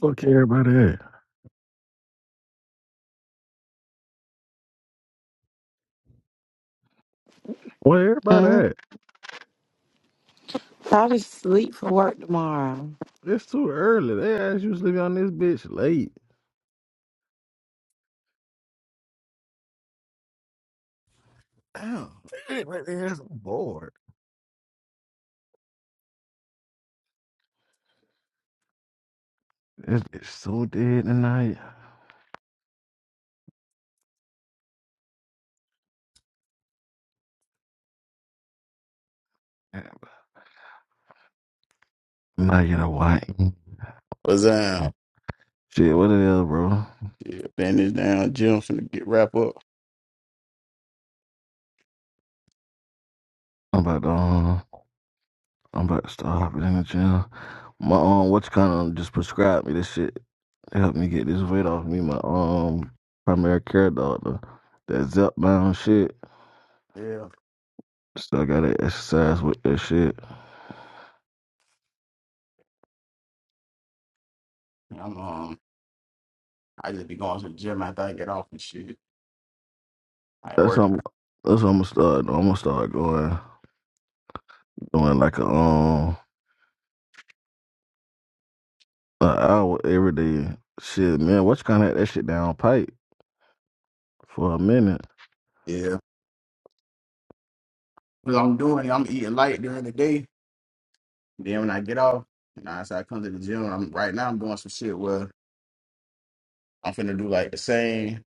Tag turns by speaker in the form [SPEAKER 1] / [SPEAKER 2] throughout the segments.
[SPEAKER 1] Fuck everybody at? Where
[SPEAKER 2] Mm,
[SPEAKER 1] everybody at?
[SPEAKER 2] probably sleep for work tomorrow.
[SPEAKER 1] It's too early. They ass usually be on this bitch late. Damn. Right there, I'm bored. It's, it's so dead tonight. I'm not get a white.
[SPEAKER 3] What's up?
[SPEAKER 1] Shit, what it is, bro?
[SPEAKER 3] Yeah, been this down gym finna get wrap up.
[SPEAKER 1] I'm about to, um, I'm about to start hopping in the gym. My um, what you kind of just prescribed me this shit to help me get this weight off me. My um, primary care doctor, that Zepbound shit.
[SPEAKER 3] Yeah,
[SPEAKER 1] So I got to exercise with that shit.
[SPEAKER 3] I'm um, I just be going to the gym after I get off and shit. I
[SPEAKER 1] That's what
[SPEAKER 3] work.
[SPEAKER 1] I'm. That's what I'm gonna start. doing. I'm gonna start going doing like a um an hour every day. Shit, man, what you kind of had that shit down pipe for a minute?
[SPEAKER 3] Yeah, what I'm doing, I'm eating light during the day. Then when I get off, you know, so I come to the gym. I'm right now. I'm doing some shit where I'm finna do like the same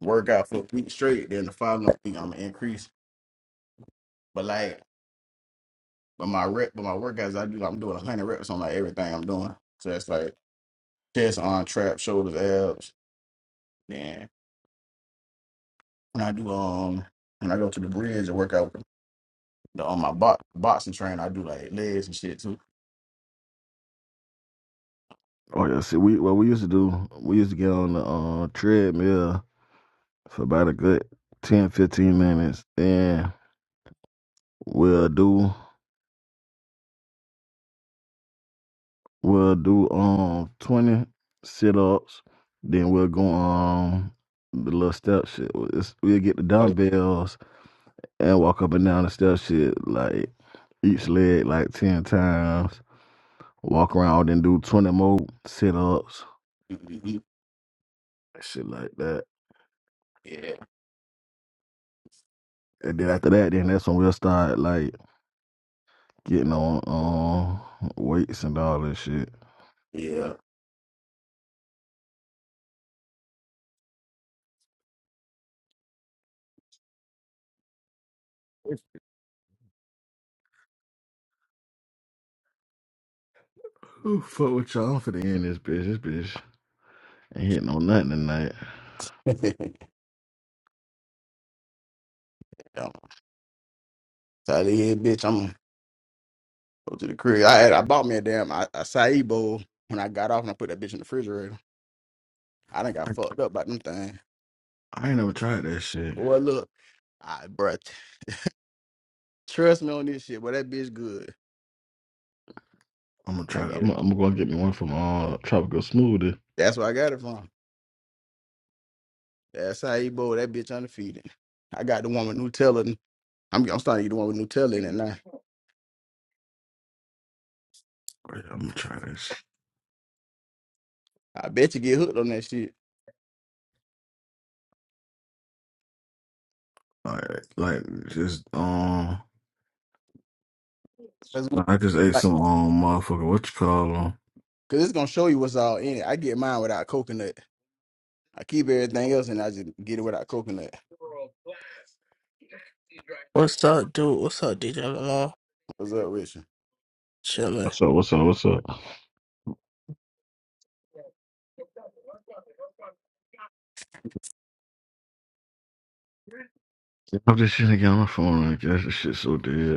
[SPEAKER 3] workout for a week straight. Then the following week, I'm gonna increase. But like, but my rep, but my workouts, I do. I'm doing 100 reps on like everything I'm doing. So it's like chest, arm, trap, shoulders, abs. Then. when I do um when I go to the bridge and work out the, on my bo- boxing train, I do like legs and shit too.
[SPEAKER 1] Oh yeah, see, we what we used to do. We used to get on the uh, treadmill for about a good ten, fifteen minutes. Then we'll do we'll do um twenty sit ups. Then we'll go on the little step shit. It's, we'll get the
[SPEAKER 3] Oh,
[SPEAKER 1] dumbbells and walk up and down the steps shit like each leg like ten times. Walk around and do twenty more sit ups,
[SPEAKER 3] yeah,
[SPEAKER 1] shit like that.
[SPEAKER 3] yeah,
[SPEAKER 1] And then after that, then that's when we'll start like getting on um weights and all this shit.
[SPEAKER 3] yeah.
[SPEAKER 1] Ooh, fuck with y'all. I'm finna end this bitch. This bitch ain't hitting on nothing tonight.
[SPEAKER 3] yeah. Tired of here, bitch. I'm go to the crib. I had, I bought me a damn a- acai bowl when I got off and I put that bitch in the refrigerator. I done
[SPEAKER 1] I,
[SPEAKER 3] got fucked up by them thing.
[SPEAKER 1] I ain't never tried that shit.
[SPEAKER 3] Boy, look, I bruh, t- trust me on this shit. But that bitch good.
[SPEAKER 1] I'm gonna
[SPEAKER 3] I
[SPEAKER 1] try.
[SPEAKER 3] get
[SPEAKER 1] I'm,
[SPEAKER 3] it.
[SPEAKER 1] I'm gonna get me one from uh tropical smoothie.
[SPEAKER 3] That's where I got it from. That acai bowl, that bitch undefeated. I got the one with Nutella. and- I'm, I'm starting to eat the one with Nutella in it now.
[SPEAKER 1] I'm gonna try this.
[SPEAKER 3] I bet you get hooked on that shit.
[SPEAKER 1] All right, like just um.
[SPEAKER 3] Cause,
[SPEAKER 1] Nah, I just
[SPEAKER 3] we-
[SPEAKER 1] ate
[SPEAKER 3] like,
[SPEAKER 1] some um motherfucker. What you call them?
[SPEAKER 3] cause it's gonna show you what's all in it. I get mine without coconut. I keep everything else and I just get it without coconut.
[SPEAKER 4] What's up, dude? What's up, DJ Law?
[SPEAKER 3] What's up, Rich?
[SPEAKER 4] Chilling.
[SPEAKER 1] What's up? What's up? What's up? I'm just shit to get on my phone. I guess this shit so dead.